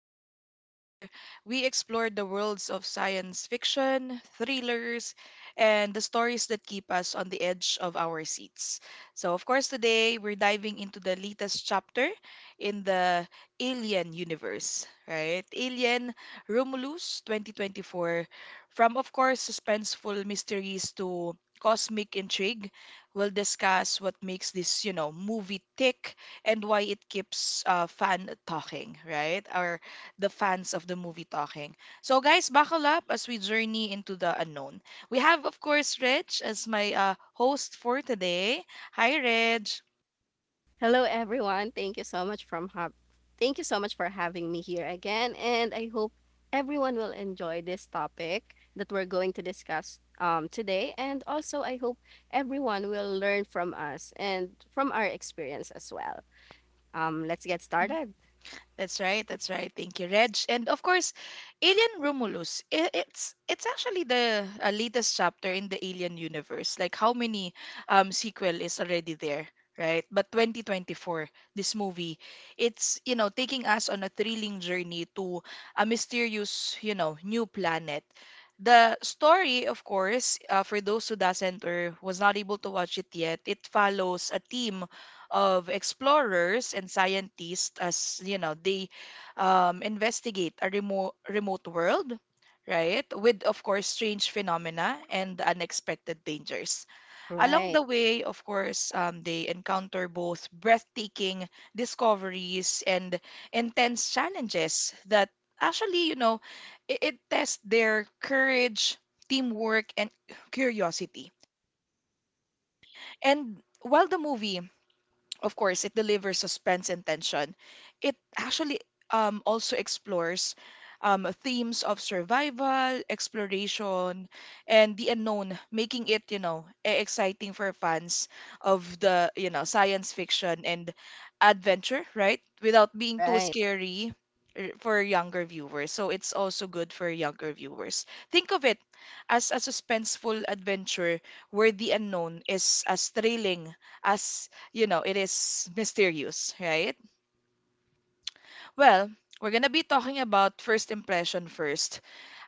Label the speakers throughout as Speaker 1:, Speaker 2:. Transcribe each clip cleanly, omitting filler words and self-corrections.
Speaker 1: you know place where we explore the worlds of science fiction, thrillers, and the stories that keep us on the edge of our seats. So of course today we're diving into the latest chapter in the Alien universe, right? Alien Romulus 2024, from of course suspenseful mysteries to cosmic intrigue. We'll discuss what makes this, you know, movie tick and why it keeps fan talking, right? Or the fans of the movie talking. So, guys, buckle up as we journey into the unknown. We have, of course, Reg as my host for today. Hi, Reg.
Speaker 2: Hello everyone. Thank you so much from hub. Thank you so much for having me here again, and I hope everyone will enjoy this topic that we're going to discuss today, and also I hope everyone will learn from us and from our experience as well. Let's get started.
Speaker 1: That's right. That's right. Thank you, Reg. And of course, Alien Romulus. It's actually the latest chapter in the Alien universe. Like how many sequel is already there, right? But 2024, this movie, it's taking us on a thrilling journey to a mysterious new planet. The story, of course, for those who doesn't or was not able to watch it yet, it follows a team of explorers and scientists as they investigate a remote world, right, with of course strange phenomena and unexpected dangers along
Speaker 2: Right.
Speaker 1: the way. Of course, they encounter both breathtaking discoveries and intense challenges that actually you know it, it tests their courage, teamwork, and curiosity. And while the movie, of course, it delivers suspense and tension. It actually also explores themes of survival, exploration, and the unknown, making it exciting for fans of the science fiction and adventure, right? Without being too
Speaker 2: Right.
Speaker 1: scary for younger viewers. So it's also good for younger viewers. Think of it as a suspenseful adventure where the unknown is as thrilling as, it is mysterious, right? Well, we're gonna be talking about first impression first.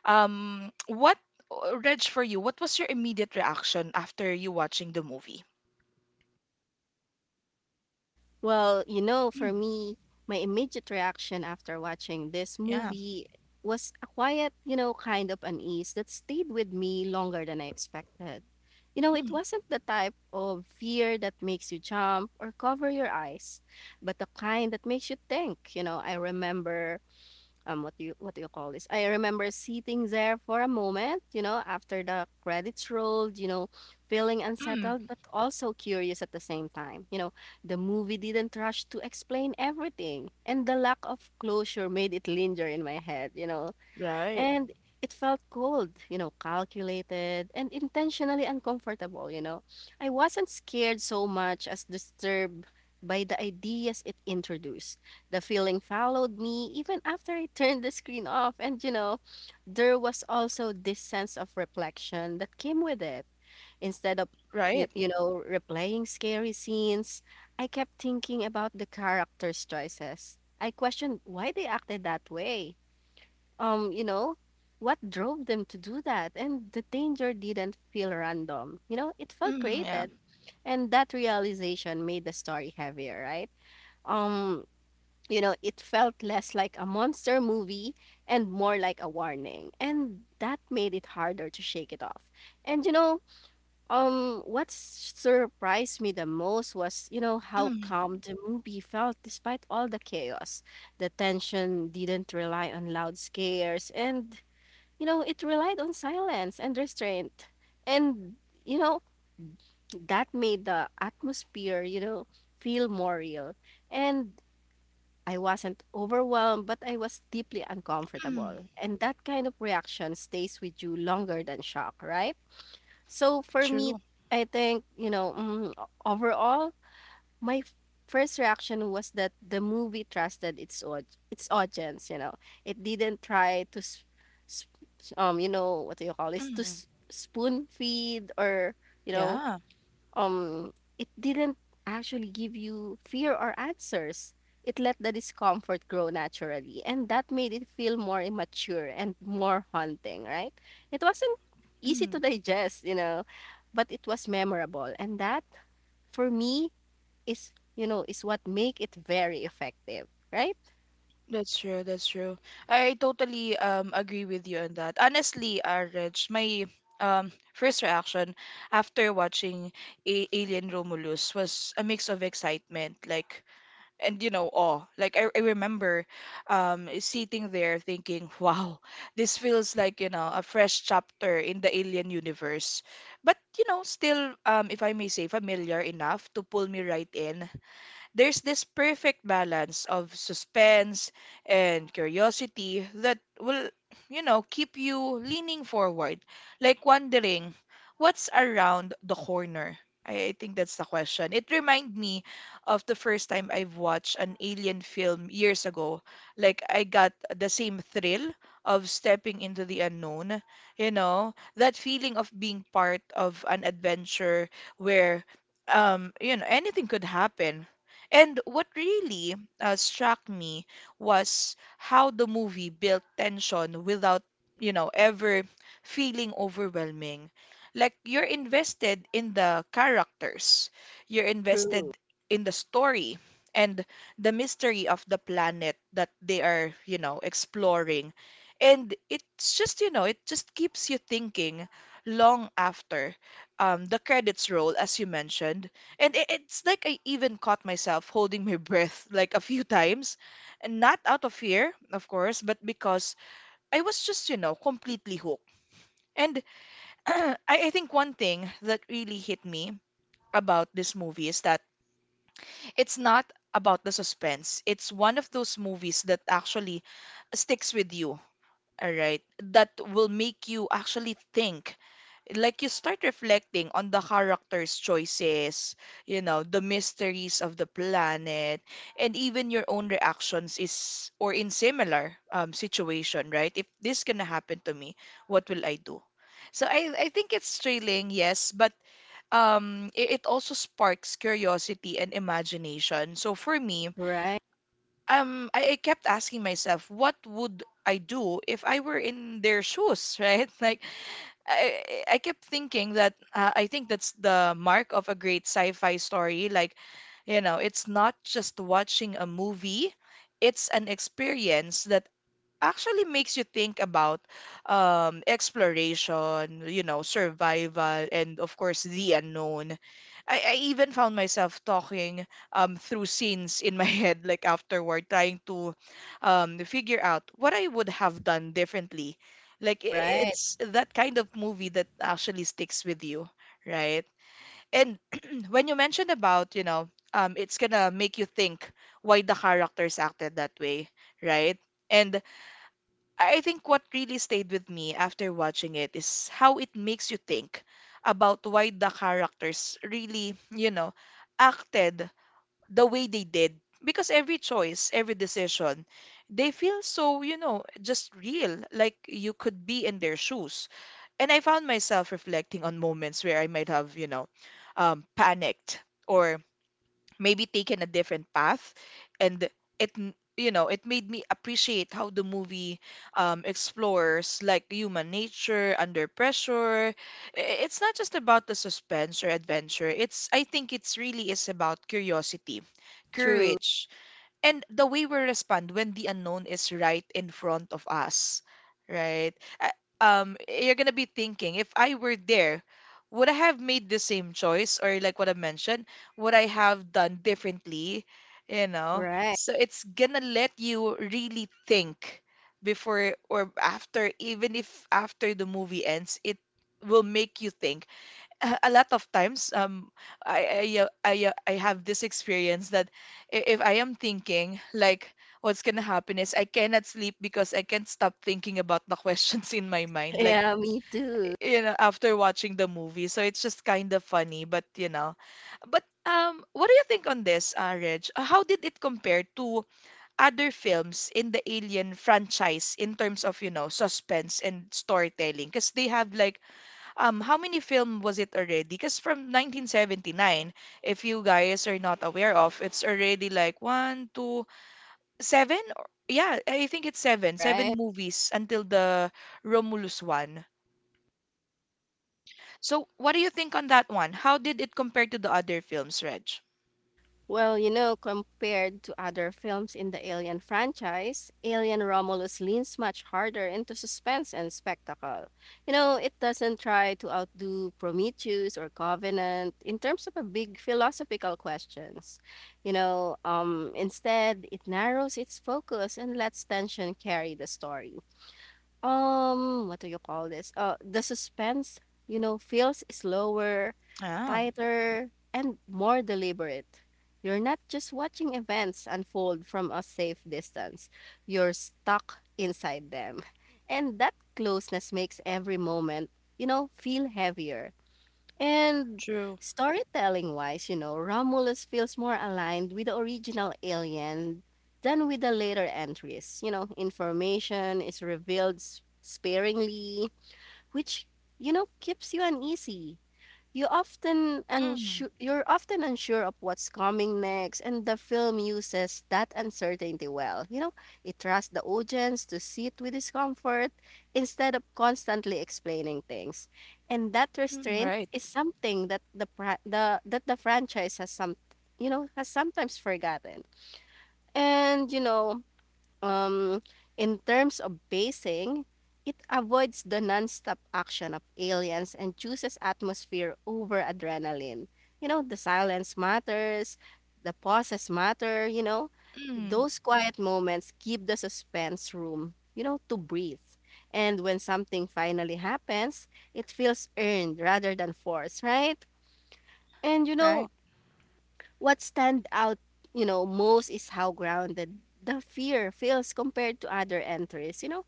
Speaker 1: Um, what, Reg, for you, what was your immediate reaction after you watching the movie?
Speaker 2: Well, you know, for
Speaker 1: Mm,
Speaker 2: me, my immediate reaction after watching this
Speaker 1: yeah.
Speaker 2: movie was a quiet, you know, kind of unease that stayed with me longer than I expected. You know, it
Speaker 1: Mm,
Speaker 2: wasn't the type of fear that makes you jump or cover your eyes, but the kind that makes you think. You know, I remember, what do you call this? I remember sitting there for a moment, you know, after the credits rolled, you know, feeling
Speaker 1: mm,
Speaker 2: unsettled but also curious at the same time. You know, the movie didn't rush to explain everything, and the lack of closure made it linger in my head, you know,
Speaker 1: right.
Speaker 2: and it felt cold, you know, calculated and intentionally uncomfortable, you know. I wasn't scared so much as disturbed by the ideas it introduced. The feeling followed me even after I turned the screen off. And, you know, there was also this sense of reflection that came with it. Instead of,
Speaker 1: Right.
Speaker 2: replaying scary scenes, I kept thinking about the characters' choices. I questioned why they acted that way, you know, what drove them to do that. And the danger didn't feel random. You know, it felt
Speaker 1: Yeah.
Speaker 2: created. And that realization made the story heavier, right? Um, you know, it felt less like a monster movie and more like a warning. And that made it harder to shake it off. And you know, what surprised me the most was, you know, how
Speaker 1: Mm,
Speaker 2: calm the movie felt despite all the chaos. The tension didn't rely on loud scares, and you know, it relied on silence and restraint. And, you know, that made the atmosphere, you know, feel more real. And I wasn't overwhelmed, but I was deeply
Speaker 1: mm,
Speaker 2: uncomfortable. And that kind of reaction stays with you longer than shock, right? So for me,
Speaker 1: true.
Speaker 2: I think, you know, overall, my first reaction was that the movie trusted its audience. You know, it didn't try to, s- s- you know, what do you call this? To
Speaker 1: Mm,
Speaker 2: s- spoon feed, or you know,
Speaker 1: yeah.
Speaker 2: um, it didn't actually give you fear or answers. It let the discomfort grow naturally, and that made it feel more immature and more haunting. Right? It wasn't easy
Speaker 1: Mm.
Speaker 2: to digest, you know, but it was memorable, and that for me is, you know, is what make it very effective, right?
Speaker 1: That's true. That's true. I totally agree with you on that. Honestly, Reg, my first reaction after watching A Alien Romulus was a mix of excitement, like, and you know, awe. Like I remember sitting there thinking, wow, this feels like, you know, a fresh chapter in the Alien universe. But you know, still, if I may say, familiar enough to pull me right in. There's this perfect balance of suspense and curiosity that will, you know, keep you leaning forward, like wondering what's around the corner. I think that's the question. It reminded me of the first time I've watched an alien film years ago. Like I got the same thrill of stepping into the unknown, you know, that feeling of being part of an adventure where anything could happen. And what really struck me was how the movie built tension without, you know, ever feeling overwhelming. Like you're invested in the characters, you're
Speaker 2: True.
Speaker 1: invested in the story and the mystery of the planet that they are, you know, exploring. And it's just, you know, it just keeps you thinking long after the credits roll, as you mentioned. And it's like I even caught myself holding my breath like a few times, and not out of fear, of course, but because I was just, you know, completely hooked. And I think one thing that really hit me about this movie is that it's not about the suspense. It's one of those movies that actually sticks with you, all right? That will make you actually think. Like you start reflecting on the characters' choices, you know, the mysteries of the planet, and even your own reactions is or in similar situation, right? If this gonna happen to me, what will I do? So I think it's thrilling, yes, but it also sparks curiosity and imagination. So for me,
Speaker 2: Right.
Speaker 1: I kept asking myself, what would I do if I were in their shoes, right? Like, I kept thinking that I think that's the mark of a great sci-fi story. Like, you know, it's not just watching a movie, it's an experience that actually makes you think about exploration, you know, survival, and of course the unknown. I even found myself talking through scenes in my head, like afterward, trying to figure out what I would have done differently. Like i- i-
Speaker 2: Right.
Speaker 1: it's that kind of movie that actually sticks with you, right? And when you mentioned about, it's gonna make you think why the characters acted that way, right? And I think what really stayed with me after watching it is how it makes you think about why the characters really, you know, acted the way they did. Because every choice, every decision, they feel so, you know, just real, like you could be in their shoes. And I found myself reflecting on moments where I might have, panicked or maybe taken a different path. And it n- you know it made me appreciate how the movie explores like human nature under pressure. It's not just about the suspense or adventure. It's, I think it's really is about curiosity,
Speaker 2: True.
Speaker 1: courage, and the way we respond when the unknown is right in front of us, right? Uh, you're gonna be thinking, if I were there, would I have made the same choice? Or like what I mentioned, would I have done differently? You know?
Speaker 2: Right.
Speaker 1: So it's gonna let you really think before or after, even if after the movie ends, it will make you think a lot of times. I I have this experience that if I am thinking like what's gonna happen is I cannot sleep because I can't stop thinking about the questions in my mind, like,
Speaker 2: Yeah, me too.
Speaker 1: you know, after watching the movie. So it's just kind of funny, but you know. But what do you think on this, Reg? How did it compare to other films in the Alien franchise in terms of, you know, suspense and storytelling, because they have like how many film was it already? Because from 1979, if you guys are not aware of, it's already like one, two, seven. Yeah, I think it's seven, seven
Speaker 2: Right.
Speaker 1: movies until the Romulus one. So what do you think on that one? How did it compare to the other films, Reg?
Speaker 2: Well, you know, compared to other films in the Alien franchise, Alien Romulus leans much harder into suspense and spectacle. You know, it doesn't try to outdo Prometheus or Covenant in terms of a big philosophical questions. You know, instead, it narrows its focus and lets tension carry the story. What do you call this? The suspense, you know, feels slower,
Speaker 1: Ah,
Speaker 2: tighter, and more deliberate. You're not just watching events unfold from a safe distance. You're stuck inside them. And that closeness makes every moment, you know, feel heavier. And
Speaker 1: true.
Speaker 2: storytelling wise, you know, Romulus feels more aligned with the original alien than with the later entries. You know, information is revealed sparingly, which, you know, keeps you uneasy. You often
Speaker 1: Mm,
Speaker 2: unsure, you're often unsure of what's coming next, and the film uses that uncertainty well. You know, it trusts the audience to sit with discomfort instead of constantly explaining things, and that restraint
Speaker 1: right.
Speaker 2: is something that the pra- the that the franchise you know, has sometimes forgotten. And you know, um, in terms of basing, it avoids the nonstop action of aliens and chooses atmosphere over adrenaline. You know, the silence matters, the pauses matter, you know.
Speaker 1: Mm,
Speaker 2: Those quiet moments give the suspense room, you know, to breathe. And when something finally happens, it feels earned rather than forced, right? And you know,
Speaker 1: right.
Speaker 2: what stand out, you know, most is how grounded the fear feels compared to other entries. You know,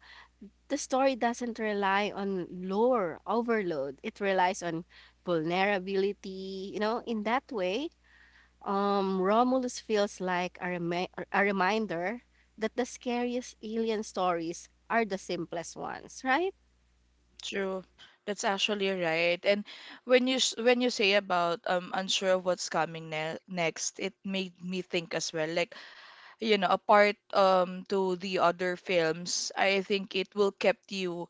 Speaker 2: the story doesn't rely on lore overload. It relies on vulnerability. You know, in that way, Romulus feels like a reminder that the scariest alien stories are the simplest ones, right?
Speaker 1: True. That's actually right. And when you when you say about unsure of what's coming ne next, it made me think as well. Like, you know, apart to the other films, I think it will kept you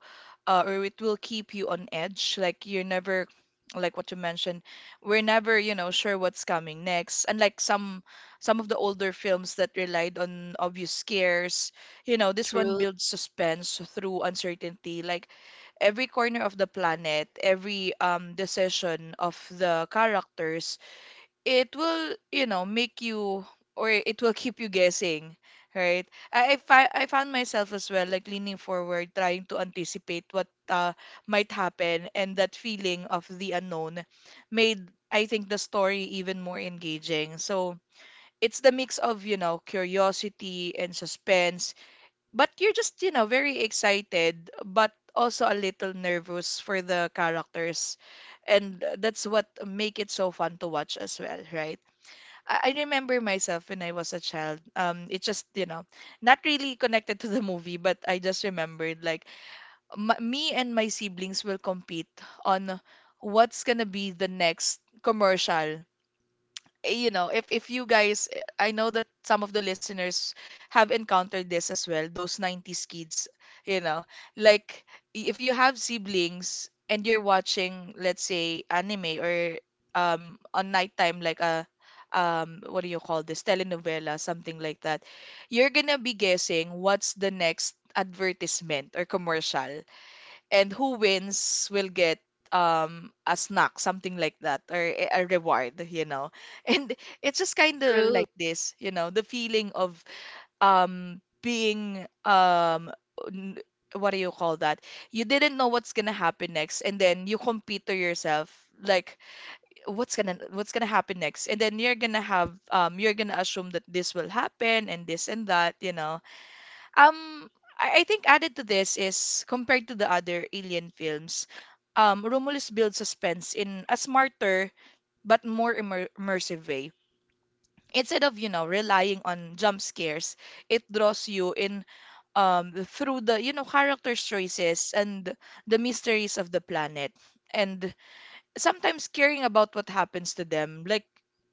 Speaker 1: or it will keep you on edge. Like you're never, like what you mentioned, we're never, you know, sure what's coming next. Unlike some of the older films that relied on obvious scares, you know, this one
Speaker 2: True,
Speaker 1: builds suspense through uncertainty. Like every corner of the planet, every decision of the characters, it will, you know, make you or it will keep you guessing, right? I found myself as well like leaning forward, trying to anticipate what might happen, and that feeling of the unknown made I think the story even more engaging. So it's the mix of, you know, curiosity and suspense, but you're just, you know, very excited, but also a little nervous for the characters. And that's what make it so fun to watch as well, right? I remember myself when I was a child. It just, you know, not really connected to the movie, but I just remembered like m me and my siblings will compete on what's gonna be the next commercial. You know, if you guys, I know that some of the listeners have encountered this as well, those 90s kids, you know, like if you have siblings and you're watching, let's say, anime or on nighttime like a what do you call this telenovela, something like that, you're gonna be guessing what's the next advertisement or commercial, and who wins will get a snack, something like that, or a reward, you know. And it's just kind of
Speaker 2: true,
Speaker 1: like this, you know, the feeling of being n- what do you call that you didn't know what's gonna happen next, and then you compete to yourself like what's gonna happen next, and then you're gonna have you're gonna assume that this will happen and this and that, you know. um, I think added to this is, compared to the other alien films, Romulus builds suspense in a smarter but more immersive way. Instead of, you know, relying on jump scares, it draws you in through the, you know, characters' choices and the mysteries of the planet. And sometimes caring about what happens to them, like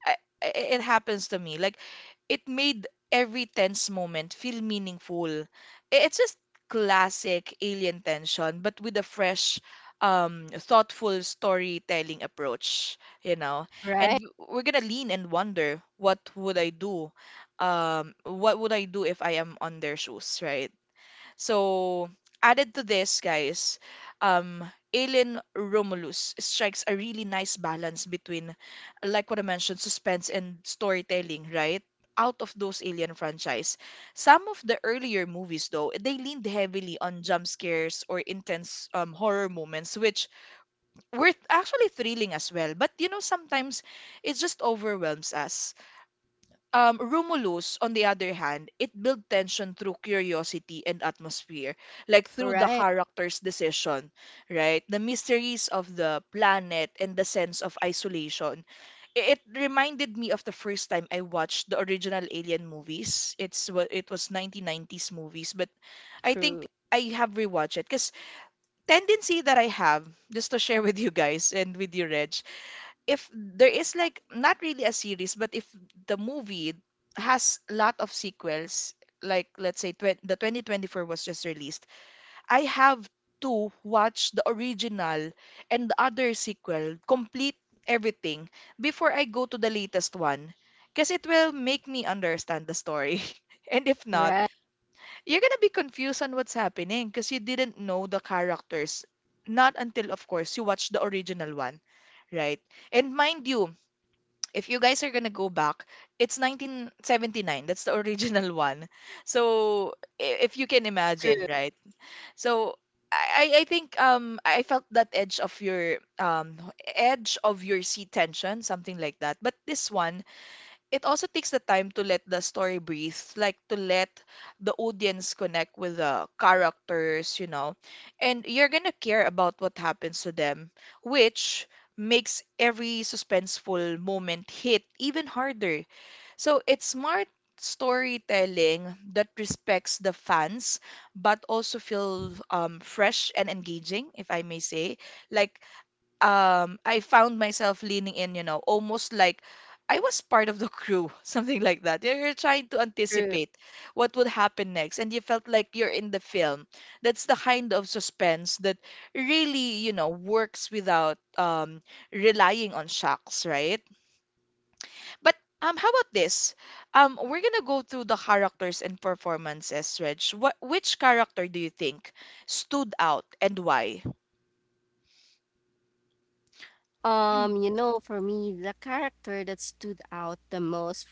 Speaker 1: I, it happens to me, like it made every tense moment feel meaningful. It's just classic alien tension, but with a fresh thoughtful storytelling approach, you know.
Speaker 2: right,
Speaker 1: And we're gonna lean and wonder, what would I do? What would I do if I am on their shoes, right? So, added to this, guys, um, Alien Romulus strikes a really nice balance between, like what I mentioned, suspense and storytelling, right? Out of those Alien franchise. Some of the earlier movies, though, they leaned heavily on jump scares or intense horror moments, which were actually thrilling as well. But you know, sometimes it just overwhelms us. Romulus, on the other hand, it built tension through curiosity and atmosphere, like through the
Speaker 2: right,
Speaker 1: character's decision, right? The mysteries of the planet and the sense of isolation. It reminded me of the first time I watched the original Alien movies. It's it was 1990s movies, but I
Speaker 2: true,
Speaker 1: think I have rewatched it because tendency that I have, just to share with you guys and with you, Reg, if there is like not really a series, but if the movie has a lot of sequels, like let's say tw the 2024 was just released, I have to watch the original and the other sequel, complete everything before I go to the latest one, because it will make me understand the story. And if not,
Speaker 2: right,
Speaker 1: you're gonna be confused on what's happening, because you didn't know the characters. Not until, of course, you watch the original one, right? And mind you, if you guys are gonna go back, it's 1979. That's the original one. So if you can imagine,
Speaker 2: true,
Speaker 1: right? So I think I felt that edge of your seat tension, something like that. But this one, it also takes the time to let the story breathe, like to let the audience connect with the characters, you know, and you're gonna care about what happens to them, which makes every suspenseful moment hit even harder. So it's smart storytelling that respects the fans but also feel fresh and engaging, if I may say. Like I found myself leaning in, you know, almost like I was part of the crew, something like that. You're trying to
Speaker 2: true.
Speaker 1: anticipate what would happen next, and you felt like you're in the film. That's the kind of suspense that really, you know, works without relying on shocks, right? But how about this? We're gonna go through the characters and performances, Reg. What, which character do you think stood out and why?
Speaker 2: You know, for me, the character that stood out the most,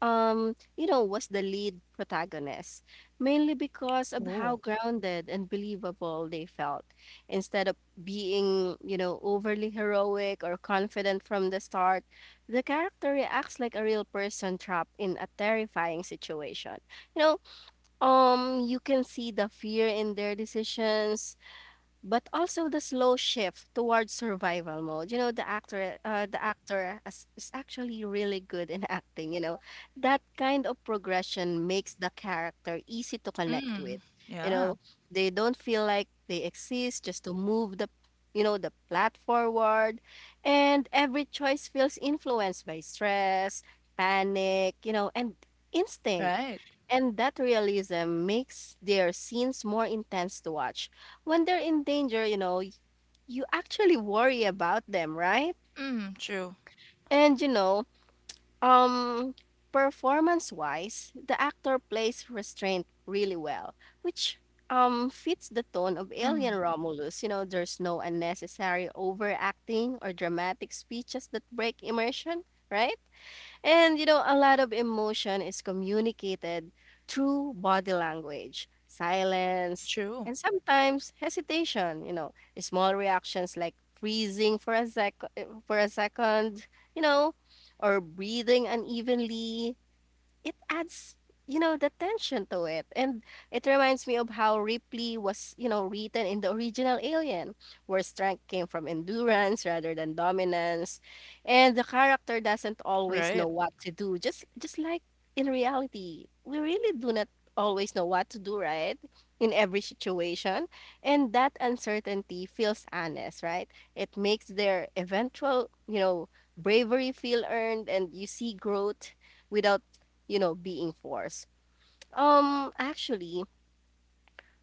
Speaker 2: you know, was the lead protagonist, mainly because of how
Speaker 1: Oh,
Speaker 2: grounded and believable they felt. Instead of being, you know, overly heroic or confident from the start, the character reacts like a real person trapped in a terrifying situation. You know, you can see the fear in their decisions, but also the slow shift towards survival mode. You know, the actor is actually really good in acting. You know, that kind of progression makes the character easy to connect with.
Speaker 1: mm,
Speaker 2: You
Speaker 1: yeah.
Speaker 2: know, they don't feel like they exist just to move the, you know, the plot forward, and every choice feels influenced by stress, panic, you know, and instinct.
Speaker 1: Right.
Speaker 2: And that realism makes their scenes more intense to watch when they're in danger, you know, you actually worry about them, right?
Speaker 1: Mm, true.
Speaker 2: And you know, um performance-wise, the actor plays restraint really well, which fits the tone of Alien
Speaker 1: Mm,
Speaker 2: Romulus. You know, there's no unnecessary overacting or dramatic speeches that break immersion, right? And you know, a lot of emotion is communicated through body language, silence,
Speaker 1: true.
Speaker 2: and sometimes hesitation, you know, small reactions like freezing for a second, you know, or breathing unevenly. It adds, you know, the tension to it, and it reminds me of how Ripley was, you know, written in the original alien, where strength came from endurance rather than dominance. And the character doesn't always know
Speaker 1: Right.
Speaker 2: what to do, just like in reality, we really do not always know what to do, right, in every situation. And that uncertainty feels honest, right? It makes their eventual, you know, bravery feel earned, and you see growth without, you know, being forced. Actually,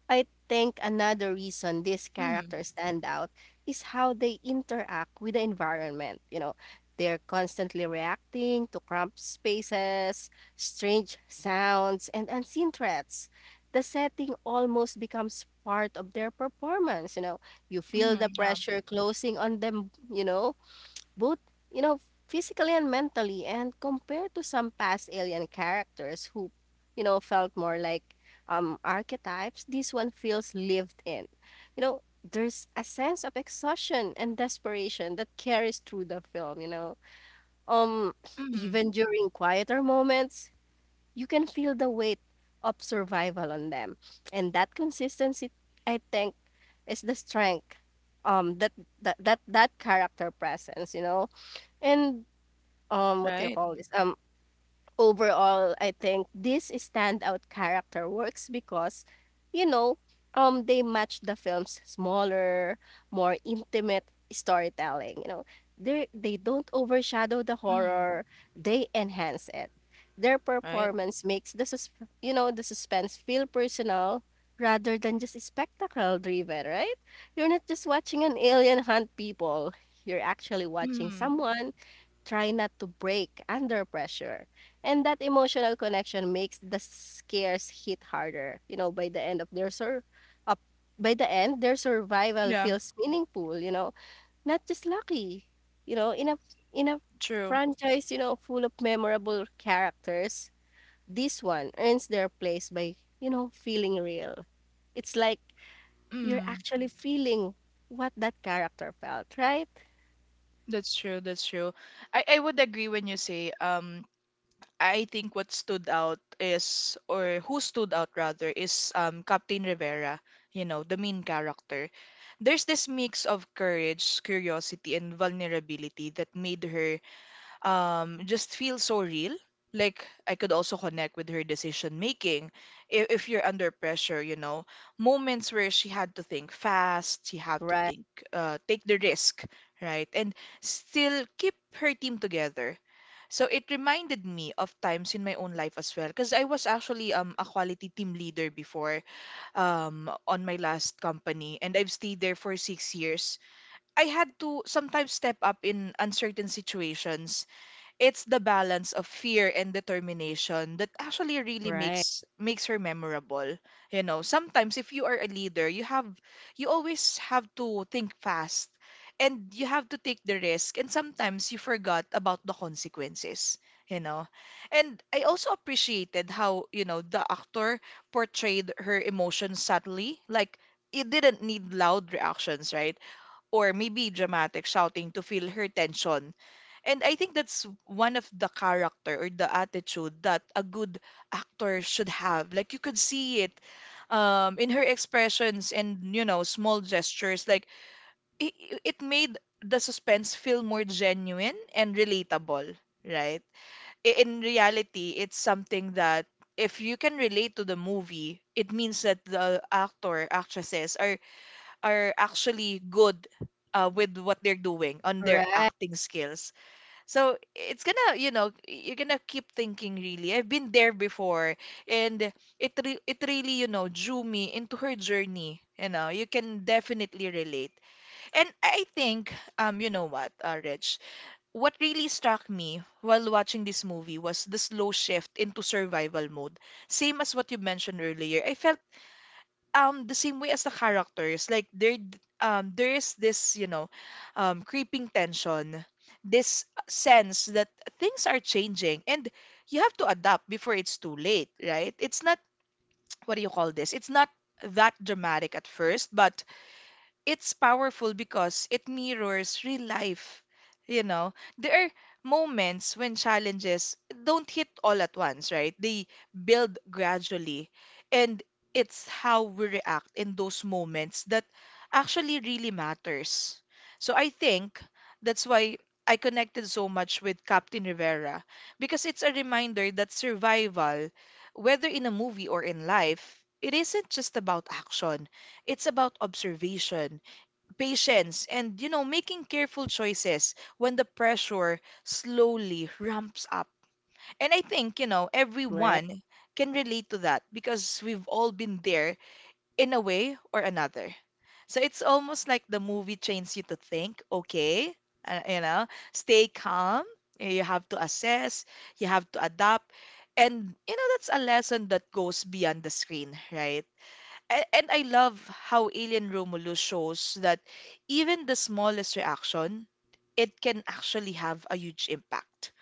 Speaker 2: I think another reason these
Speaker 1: Mm,
Speaker 2: characters stand out is how they interact with the environment. You know, they're constantly reacting to cramped spaces, strange sounds, and unseen threats. The setting almost becomes part of their performance. You know, you feel
Speaker 1: mm,
Speaker 2: the
Speaker 1: yeah.
Speaker 2: pressure closing on them, you know, both, you know, physically and mentally, and compared to some past alien characters who, you know, felt more like archetypes, this one feels lived in. You know, there's a sense of exhaustion and desperation that carries through the film, you know. Um,
Speaker 1: Mm,
Speaker 2: even during quieter moments, you can feel the weight of survival on them. And that consistency, I think, is the strength that that character presence, you know. And, what do you
Speaker 1: right.
Speaker 2: call this? Overall, I think this standout character works because, you know, they match the film's smaller, more intimate storytelling. You know, they don't overshadow the
Speaker 1: Mm,
Speaker 2: horror; they enhance it. Their
Speaker 1: right.
Speaker 2: performance makes you know, the suspense feel personal rather than just spectacle driven. Right? You're not just watching an alien hunt people; you're actually watching
Speaker 1: Mm,
Speaker 2: someone try not to break under pressure. And that emotional connection makes the scares hit harder. You know, up by the end, their survival
Speaker 1: yeah.
Speaker 2: feels meaningful, you know, not just lucky. You know, in a
Speaker 1: True.
Speaker 2: franchise, you know, full of memorable characters, this one earns their place by, you know, feeling real. It's like you're
Speaker 1: Mm,
Speaker 2: actually feeling what that character felt, right?
Speaker 1: that's true. That's true. I would agree when you say, I think what stood out is, or who stood out rather, is Captain Rivera, you know, the main character. There's this mix of courage, curiosity, and vulnerability that made her just feels so real, like I could also connect with her decision making. If you're under pressure, you know, moments where she had to think fast, she had to
Speaker 2: Right.
Speaker 1: think, take the risk, right, and still keep her team together. So it reminded me of times in my own life as well, because I was actually a quality team leader before, on my last company, and I've stayed there for 6 years. I had to sometimes step up in uncertain situations. It's the balance of fear and determination that actually really
Speaker 2: Right.
Speaker 1: makes her memorable. You know, sometimes if you are a leader, you have, you always have to think fast, and you have to take the risk, and sometimes you forgot about the consequences, you know. And I also appreciated how, you know, the actor portrayed her emotions subtly, like it didn't need loud reactions, right? Or maybe dramatic shouting to feel her tension. And I think that's one of the character or the attitude that a good actor should have. Like, you could see it in her expressions and, you know, small gestures. Like, it, it made the suspense feel more genuine and relatable, right? In reality, it's something that if you can relate to the movie, it means that the actor actresses are actually good with what they're doing on their
Speaker 2: Right.
Speaker 1: acting skills. So it's gonna, you know, you're gonna keep thinking, really, I've been there before, and it really, you know, drew me into her journey. You know, you can definitely relate. And I think, you know what, Reg, what really struck me while watching this movie was the slow shift into survival mode. Same as what you mentioned earlier. I felt the same way as the characters, like there is this, you know, creeping tension, this sense that things are changing, and you have to adapt before it's too late, right? It's not, what do you call this, it's not that dramatic at first, but it's powerful because it mirrors real life. You know, there are moments when challenges don't hit all at once, right? They build gradually. And it's how we react in those moments that actually really matters. So I think that's why I connected so much with Captain Rivera, because it's a reminder that survival, whether in a movie or in life, it isn't just about action. It's about observation, patience, and, you know, making careful choices when the pressure slowly ramps up. And I think, you know,
Speaker 2: Right.
Speaker 1: everyone can relate to that, because we've all been there in a way or another. So it's almost like the movie trains you to think, okay, you know, stay calm, you have to assess, you have to adapt, and, you know, that's a lesson that goes beyond the screen, right? And I love how Alien Romulus shows that even the smallest reaction, it can actually have a huge impact.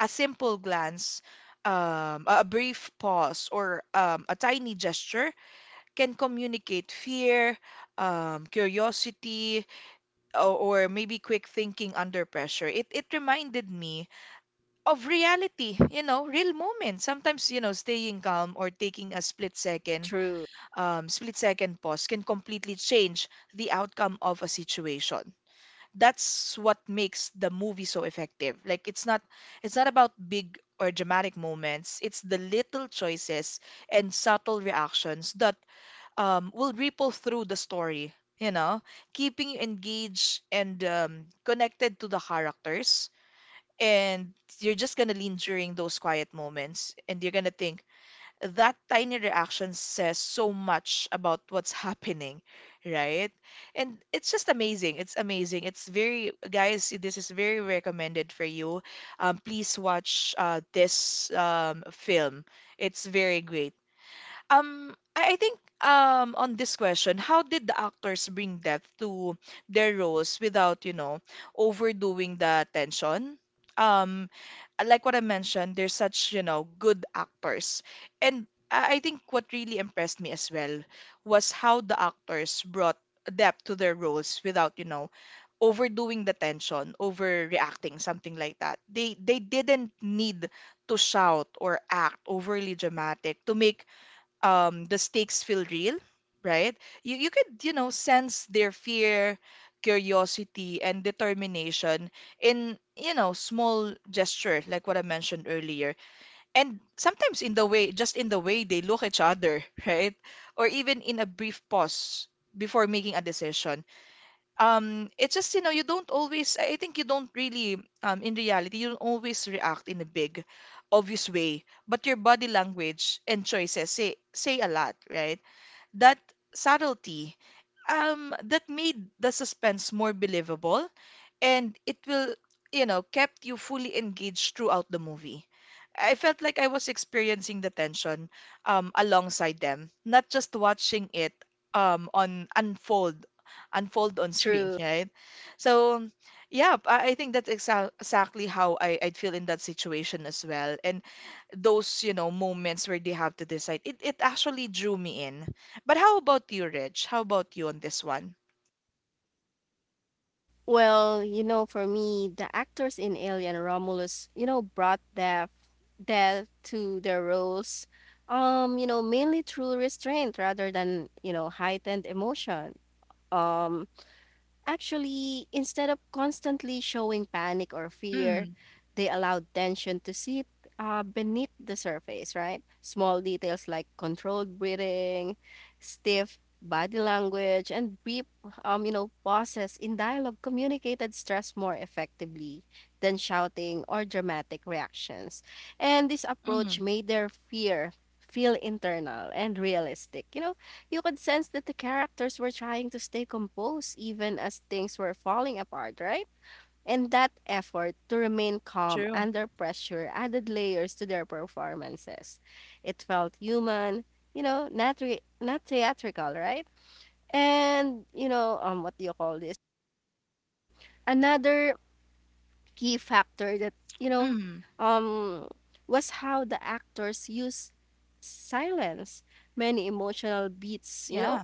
Speaker 1: A simple glance, a brief pause, or a tiny gesture can communicate fear, curiosity, or maybe quick thinking under pressure. It reminded me of reality, you know, real moments. Sometimes, you know, staying calm or taking a
Speaker 2: True.
Speaker 1: split second pause can completely change the outcome of a situation. That's what makes the movie so effective. Like, it's not, it's not about big or dramatic moments. It's the little choices and subtle reactions that will ripple through the story. You know, keeping you engaged and connected to the characters. And you're just gonna lean during those quiet moments, and you're gonna think, that tiny reaction says so much about what's happening, right? And it's just amazing. It's amazing. It's very, guys, this is very recommended for you. Please watch this film. It's very great. I think on this question, how did the actors bring depth to their roles without, you know, overdoing the tension? Um, like what I mentioned, they're such, you know, good actors. And I think what really impressed me as well was how the actors brought depth to their roles without, you know, overdoing the tension, overreacting, something like that. They didn't need to shout or act overly dramatic to make the stakes feel real, right? You could, you know, sense their fear, curiosity, and determination in, you know, small gesture, like what I mentioned earlier. And sometimes in the way, just in the way they look each other, right? Or even in a brief pause before making a decision. It's just, you know, you don't always, I think you don't really, in reality, you don't always react in a big obvious way, but your body language and choices say a lot, right? That subtlety, that made the suspense more believable, and it will, you know, kept you fully engaged throughout the movie. I felt like I was experiencing the tension alongside them, not just watching it on unfold unfold on screen,
Speaker 2: True.
Speaker 1: right? So, yeah, I think that's exactly how I, I'd feel in that situation as well. And those, you know, moments where they have to decide, it actually drew me in. But how about you, Rich? How about you on this one?
Speaker 2: Well, you know, for me, the actors in Alien Romulus, you know, brought death to their roles, you know, mainly through restraint rather than, you know, heightened emotion. Um, Actually, instead of constantly showing panic or fear,
Speaker 1: Mm,
Speaker 2: they allowed tension to sit beneath the surface, right? Small details like controlled breathing, stiff body language, and brief, you know, pauses in dialogue communicated stress more effectively than shouting or dramatic reactions. And this approach
Speaker 1: mm,
Speaker 2: made their fear feel internal and realistic. You know, you could sense that the characters were trying to stay composed even as things were falling apart, right? And that effort to remain calm
Speaker 1: true.
Speaker 2: under pressure added layers to their performances. It felt human, you know, not theatrical, right? And you know, what do you call this? another key factor that you know,
Speaker 1: Mm.
Speaker 2: um, was how the actors use silence. Many emotional beats, you
Speaker 1: Yeah,
Speaker 2: know,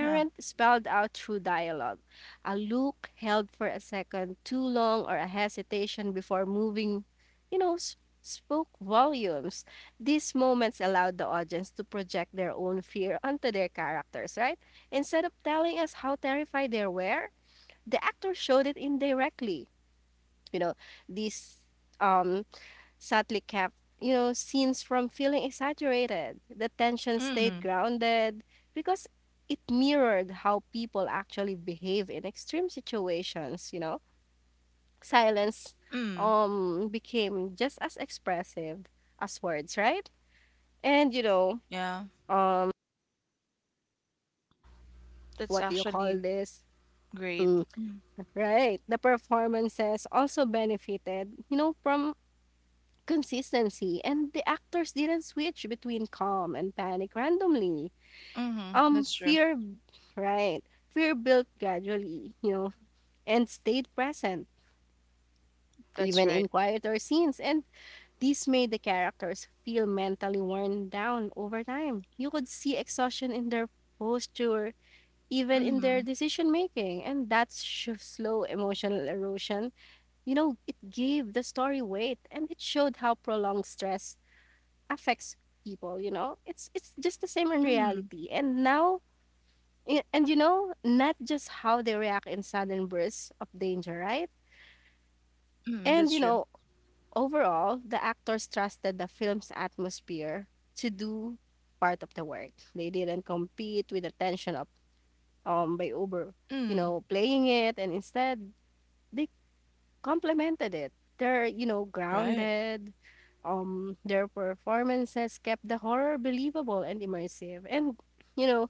Speaker 1: yeah.
Speaker 2: spelled out through dialogue. A look held for a second too long or a hesitation before moving, you know, spoke volumes. These moments allowed the audience to project their own fear onto their characters, right? Instead of telling us how terrified they were, the actor showed it indirectly. You know, these um subtly kept scenes from feeling exaggerated. The tension stayed
Speaker 1: Mm,
Speaker 2: grounded because it mirrored how people actually behave in extreme situations. Silence
Speaker 1: mm,
Speaker 2: became just as expressive as words, right? And
Speaker 1: yeah.
Speaker 2: um
Speaker 1: That's
Speaker 2: what do you call
Speaker 1: actually
Speaker 2: this?
Speaker 1: great.
Speaker 2: Mm,
Speaker 1: Mm,
Speaker 2: right. The performances also benefited from consistency, and the actors didn't switch between calm and panic randomly.
Speaker 1: mm-hmm, that's true.
Speaker 2: Fear, right? Fear built gradually, and stayed present,
Speaker 1: That's
Speaker 2: even
Speaker 1: right.
Speaker 2: in quieter scenes. And this made the characters feel mentally worn down over time. You could see exhaustion in their posture, even in their
Speaker 1: Mm,
Speaker 2: decision making. And that slow emotional erosion, it gave the story weight, and it showed how prolonged stress affects people. It's just the same in
Speaker 1: mm,
Speaker 2: reality. And now, not just how they react in sudden bursts of danger, right?
Speaker 1: mm,
Speaker 2: And
Speaker 1: that's
Speaker 2: you
Speaker 1: true.
Speaker 2: know, Overall, the actors trusted the film's atmosphere to do part of the work. They didn't compete with the tension of by over, you
Speaker 1: Mm,
Speaker 2: know, playing it, and instead they complemented it. They're you know
Speaker 1: right.
Speaker 2: grounded. Their performances kept the horror believable and immersive, and you know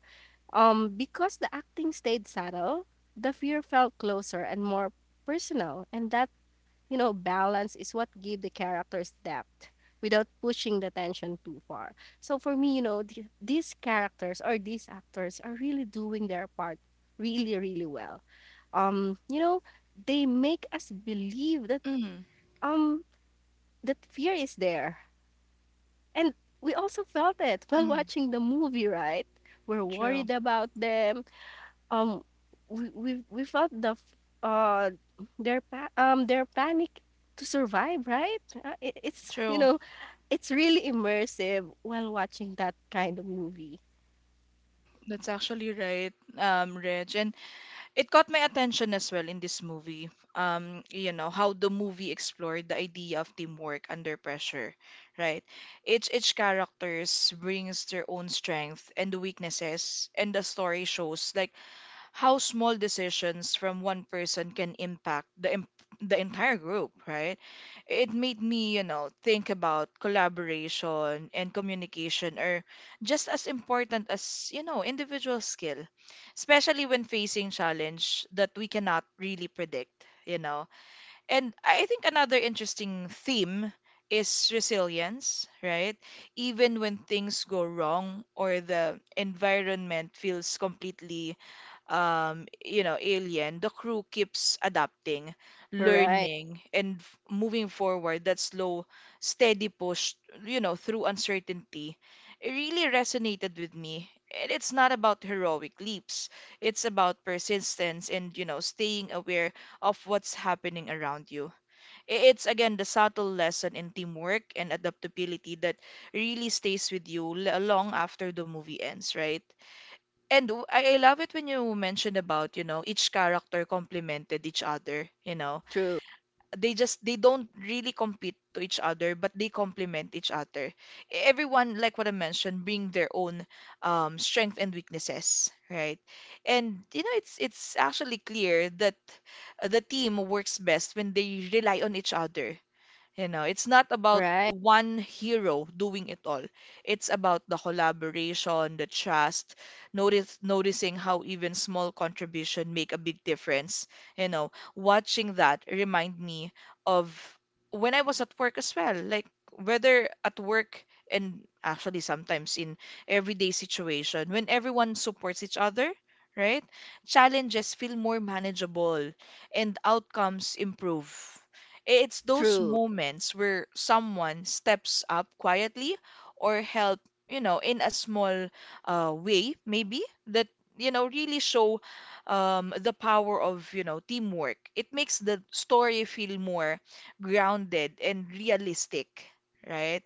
Speaker 2: Because the acting stayed subtle, the fear felt closer and more personal, and that balance is what gave the characters depth without pushing the tension too far. So for me, these characters or these actors are really doing their part really, really well. Um, you know, they make us believe
Speaker 1: Mm,
Speaker 2: um that fear is there, and we also felt it while
Speaker 1: mm,
Speaker 2: watching the movie, right? We're worried
Speaker 1: true.
Speaker 2: about them um we we, we felt uh their panic to survive, right? uh, it, it's you
Speaker 1: True.
Speaker 2: know it's really immersive while watching that kind of movie.
Speaker 1: That's actually right, Reg. And it caught my attention as well in this movie. How the movie explored the idea of teamwork under pressure, right? Each characters brings their own strength and weaknesses, and the story shows, like, how small decisions from one person can impact the entire group, right? It made me, you know, think about collaboration and communication are just as important as, you know, individual skill, especially when facing challenge that we cannot really predict, you know. And I think another interesting theme is resilience, right? Even when things go wrong or the environment feels completely you know, alien, the crew keeps adapting,
Speaker 2: Right.
Speaker 1: learning, and moving forward. That slow, steady push, you know, through uncertainty, it really resonated with me. And it's not about heroic leaps. It's about persistence and, you know, staying aware of what's happening around you. It's again the subtle lesson in teamwork and adaptability that really stays with you long after the movie ends, right? And I love it when you mentioned about, you know, each character complemented each other, you know.
Speaker 2: True.
Speaker 1: They don't really compete to each other, but they complement each other. Everyone, like what I mentioned, bring their own strength and weaknesses, right? And you know, it's actually clear that the team works best when they rely on each other, you know, it's not about
Speaker 2: Right.
Speaker 1: one hero doing it all. It's about the collaboration, the trust, notice noticing how even small contribution make a big difference. You know, watching that remind me of when I was at work as well. Like whether at work and actually sometimes in everyday situation, when everyone supports each other, right? Challenges feel more manageable and outcomes improve. It's those
Speaker 2: True.
Speaker 1: moments where someone steps up quietly or help, you know, in a small way, maybe that, you know, really show the power of, you know, teamwork. It makes the story feel more grounded and realistic, right?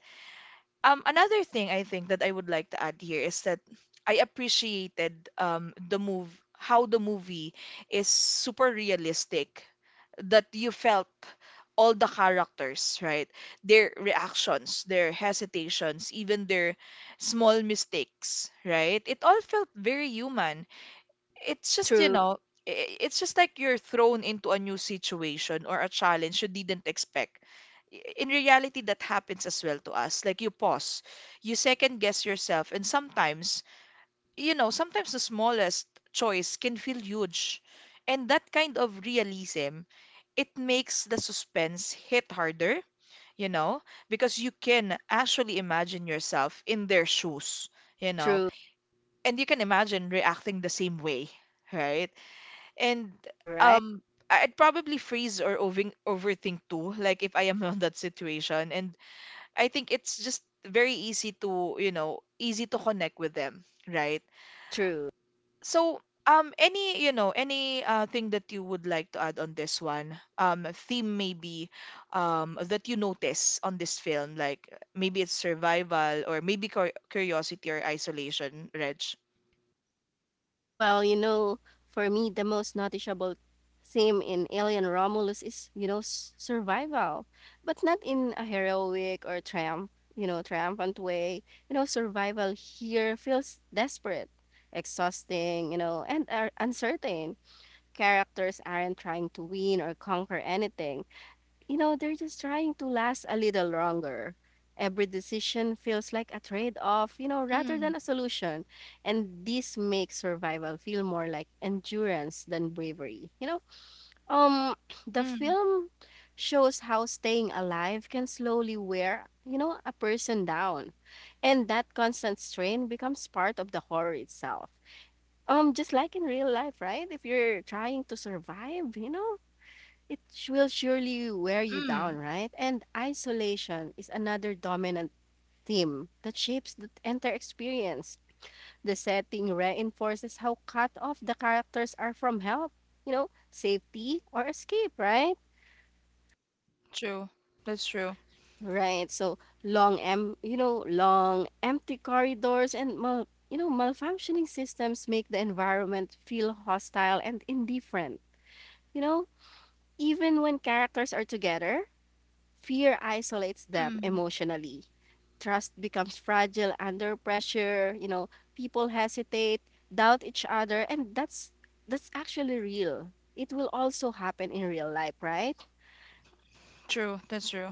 Speaker 1: Another thing I think that I would like to add here is that I appreciated how the movie is super realistic, that you felt all the characters, right? Their reactions, their hesitations, even their small mistakes, right? It all felt very human. It's just, you
Speaker 2: True.
Speaker 1: know, i- it's just like you're thrown into a new situation or a challenge you didn't expect. In reality, that happens as well to us. Like you pause, you second guess yourself, and sometimes, you know, sometimes the smallest choice can feel huge. And that kind of realism, it makes the suspense hit harder, you know, because you can actually imagine yourself in their shoes, you know,
Speaker 2: True.
Speaker 1: and you can imagine reacting the same way, right? And
Speaker 2: Right.
Speaker 1: um, I'd probably freeze or overthink too, like if I am in that situation. And I think it's just very easy to, you know, easy to connect with them, right?
Speaker 2: True.
Speaker 1: So, any thing that you would like to add on this one? A theme maybe that you notice on this film, like maybe it's survival or maybe curiosity or isolation, Reg?
Speaker 2: Well, for me, the most noticeable theme in Alien Romulus is survival, but not in a heroic or triumphant way. Survival here feels desperate, exhausting, and are uncertain. Characters aren't trying to win or conquer anything, they're just trying to last a little longer. Every decision feels like a trade off, rather than
Speaker 1: Mm,
Speaker 2: a solution. And this makes survival feel more like endurance than bravery. Um, the
Speaker 1: mm,
Speaker 2: film shows how staying alive can slowly wear a person down. And that constant strain becomes part of the horror itself. Just like in real life, right? If you're trying to survive, it will surely wear you down,
Speaker 1: mm.
Speaker 2: right? And isolation is another dominant theme that shapes the entire experience. The setting reinforces how cut off the characters are from help, safety or escape, right?
Speaker 1: True. That's true.
Speaker 2: Right. So long empty corridors and malfunctioning systems make the environment feel hostile and indifferent. You know, Even when characters are together, fear isolates them
Speaker 1: Mm.
Speaker 2: emotionally. Trust becomes fragile under pressure. People hesitate, doubt each other, and that's actually real. It will also happen in real life, right?
Speaker 1: True. That's true.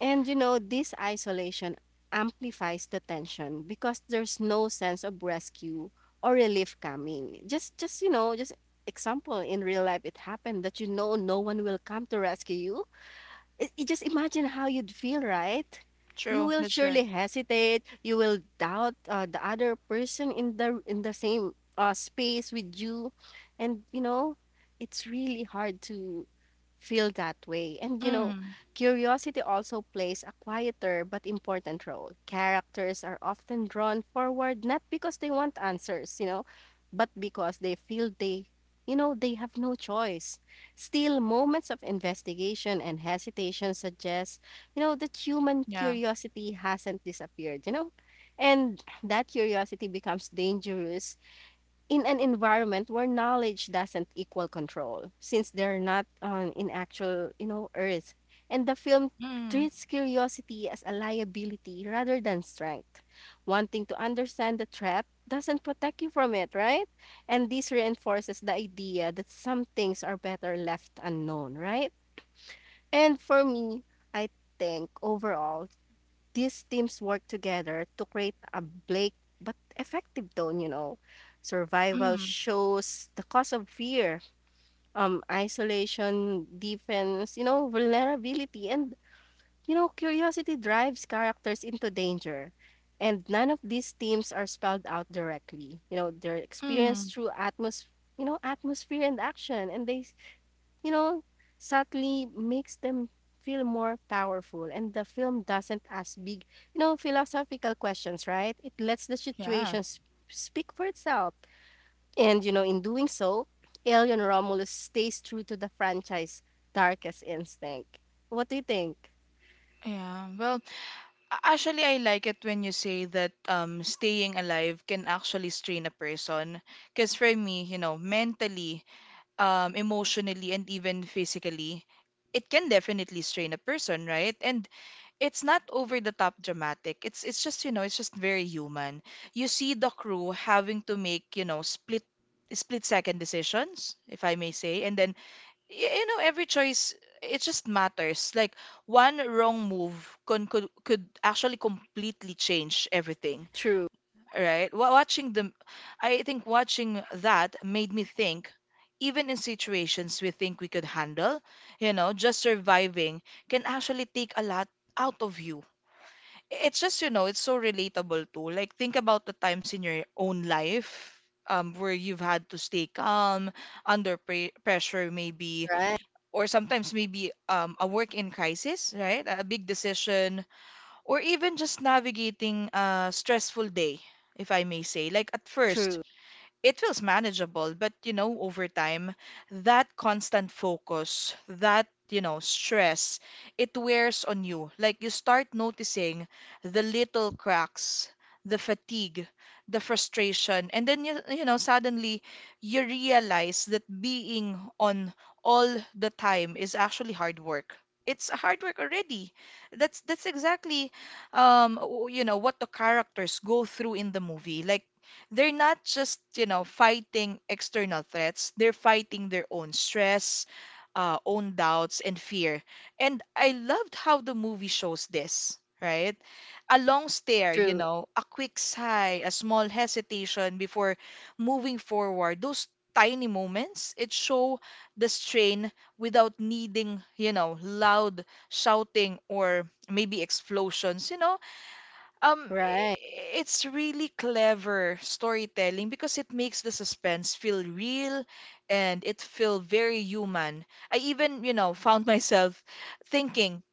Speaker 2: This isolation amplifies the tension because there's no sense of rescue or relief coming. Just, example in real life it happened that no one will come to rescue you. It just, imagine how you'd feel, right? You
Speaker 1: True.
Speaker 2: will
Speaker 1: That's
Speaker 2: surely
Speaker 1: right.
Speaker 2: hesitate. You will doubt the other person in the same space with you, and it's really hard to feel that way. And
Speaker 1: Mm.
Speaker 2: curiosity also plays a quieter but important role. Characters are often drawn forward not because they want answers, but because they feel they have no choice. Still, moments of investigation and hesitation suggest that human
Speaker 1: Yeah.
Speaker 2: curiosity hasn't disappeared, you know? And that curiosity becomes dangerous in an environment where knowledge doesn't equal control, since they're not on in actual earth, and the film
Speaker 1: Mm.
Speaker 2: treats curiosity as a liability rather than strength. Wanting to understand the threat doesn't protect you from it, right? And this reinforces the idea that some things are better left unknown, right? And for me, I think overall, these teams work together to create a bleak but effective tone. Survival
Speaker 1: Mm.
Speaker 2: shows the cause of fear, isolation, defense, vulnerability, and curiosity drives characters into danger. And none of these themes are spelled out directly. They're experienced
Speaker 1: Mm.
Speaker 2: through atmosphere and action, and they you know, subtly makes them feel more powerful. And the film doesn't ask big, philosophical questions, right? It lets the
Speaker 1: Yeah.
Speaker 2: situation speak for itself. And in doing so, Alien Romulus stays true to the franchise darkest instinct. What do you think?
Speaker 1: Yeah. Well, actually, I like it when you say that staying alive can actually strain a person. Because for me, you know, mentally, emotionally, and even physically, it can definitely strain a person, right? And it's not over the top dramatic. It's just, you know, it's just very human. You see the crew having to make, you know, split second decisions, if I may say, and then you know every choice, it just matters, like one wrong move could actually completely change everything,
Speaker 2: True,
Speaker 1: right? Watching them, I think watching that made me think, even in situations we think we could handle, you know, just surviving can actually take a lot out of you. It's just, you know, it's so relatable too. Like think about the times in your own life, where you've had to stay calm under pressure, maybe,
Speaker 2: right?
Speaker 1: or sometimes maybe a work in crisis, right? A big decision, or even just navigating a stressful day, if I may say. Like at first,
Speaker 2: True,
Speaker 1: it feels manageable, but you know, over time, that constant focus, that, you know, stress, it wears on you. Like you start noticing the little cracks, the fatigue, the frustration, and then you know, suddenly you realize that being on all the time is actually hard work. It's hard work already. That's exactly you know what the characters go through in the movie. Like they're not just, you know, fighting external threats, they're fighting their own stress, own doubts, and fear. And I loved how the movie shows this, right? A long stare, you
Speaker 2: true,
Speaker 1: know, a quick sigh, a small hesitation before moving forward. Those tiny moments, it show the strain without needing, you know, loud shouting or maybe explosions. You know,
Speaker 2: right,
Speaker 1: it's really clever storytelling because it makes the suspense feel real and it feel very human. I even, you know, found myself thinking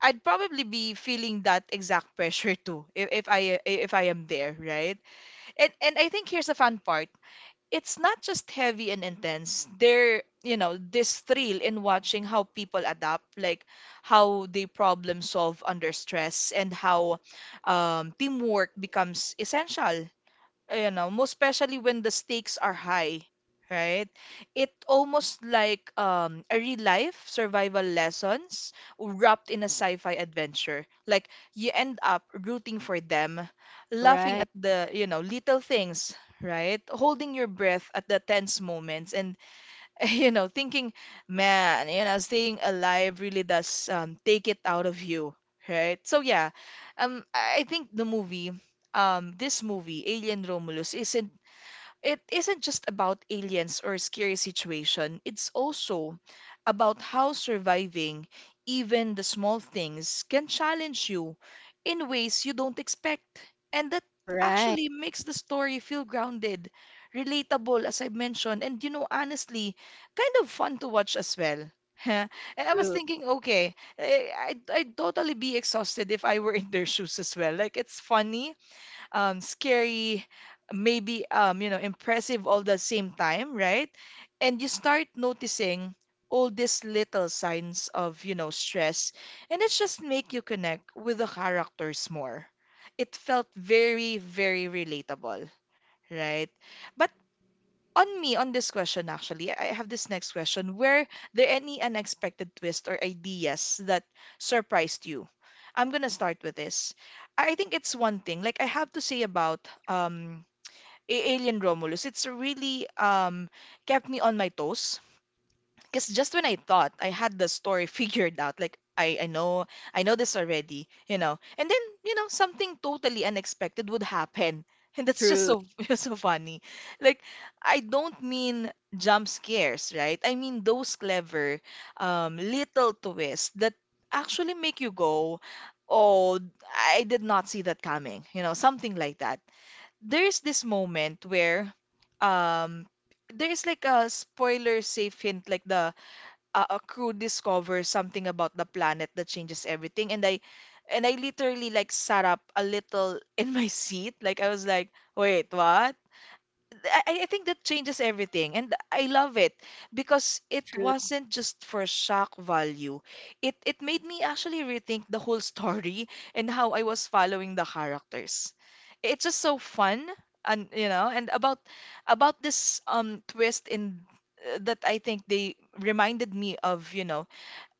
Speaker 1: I'd probably be feeling that exact pressure too, if I am there, right? And I think here's the fun part: it's not just heavy and intense. There, you know, this thrill in watching how people adapt, like how they problem solve under stress and how teamwork becomes essential, you know, most especially when the stakes are high, right? It almost like a real life survival lessons wrapped in a sci-fi adventure. Like you end up rooting for them, laughing
Speaker 2: right,
Speaker 1: at the, you know, little things, right? Holding your breath at the tense moments and you know, thinking, man, you know, staying alive really does take it out of you, right? So yeah, um, I think this movie, Alien Romulus, isn't, it isn't just about aliens or scary situation. It's also about how surviving even the small things can challenge you in ways you don't expect. And that
Speaker 2: right,
Speaker 1: actually makes the story feel grounded, relatable, as I mentioned, and you know, honestly, kind of fun to watch as well. And I was
Speaker 2: true,
Speaker 1: thinking, okay, eh, I'd totally be exhausted if I were in their shoes as well. Like, it's funny, scary, maybe you know, impressive all the same time, right? And you start noticing all these little signs of, you know, stress, and it just make you connect with the characters more. It felt very, very relatable, right? But on me on this question, actually, I have this next question: were there any unexpected twists or ideas that surprised you? I'm gonna start with this. I think it's one thing like I have to say about um Alien Romulus. It's really kept me on my toes because just when I thought I had the story figured out, like I know this already, you know, and then you know something totally unexpected would happen, and that's just
Speaker 2: true,
Speaker 1: so so funny. Like I don't mean jump scares, right? I mean those clever, little twists that actually make you go, "Oh, I did not see that coming," you know, something like that. There's this moment where, um, there's like a spoiler safe hint, like a crew discovers something about the planet that changes everything, and I literally like sat up a little in my seat. Like I was like, wait what, I think that changes everything. And I love it because it
Speaker 2: true,
Speaker 1: wasn't just for shock value. It made me actually rethink the whole story and how I was following the characters. It's just so fun. And you know, and about this twist in, that I think they reminded me of, you know,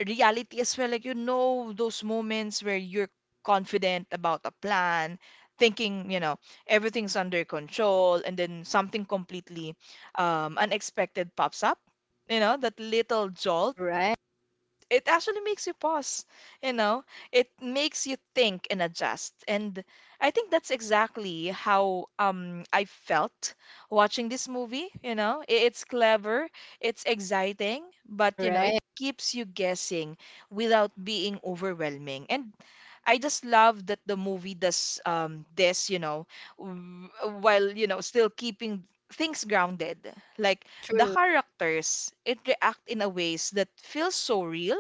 Speaker 1: reality as well. Like, you know, those moments where you're confident about a plan, thinking, you know, everything's under control, and then something completely unexpected pops up. You know, that little jolt,
Speaker 2: right,
Speaker 1: it actually makes you pause, you know? It makes you think and adjust. And I think that's exactly how I felt watching this movie, you know? It's clever, it's exciting, but you know, it
Speaker 2: right,
Speaker 1: keeps you guessing without being overwhelming. And I just love that the movie does this, you know, w- while, you know, still keeping things grounded. Like the
Speaker 2: true,
Speaker 1: characters, it react in a ways that feels so real,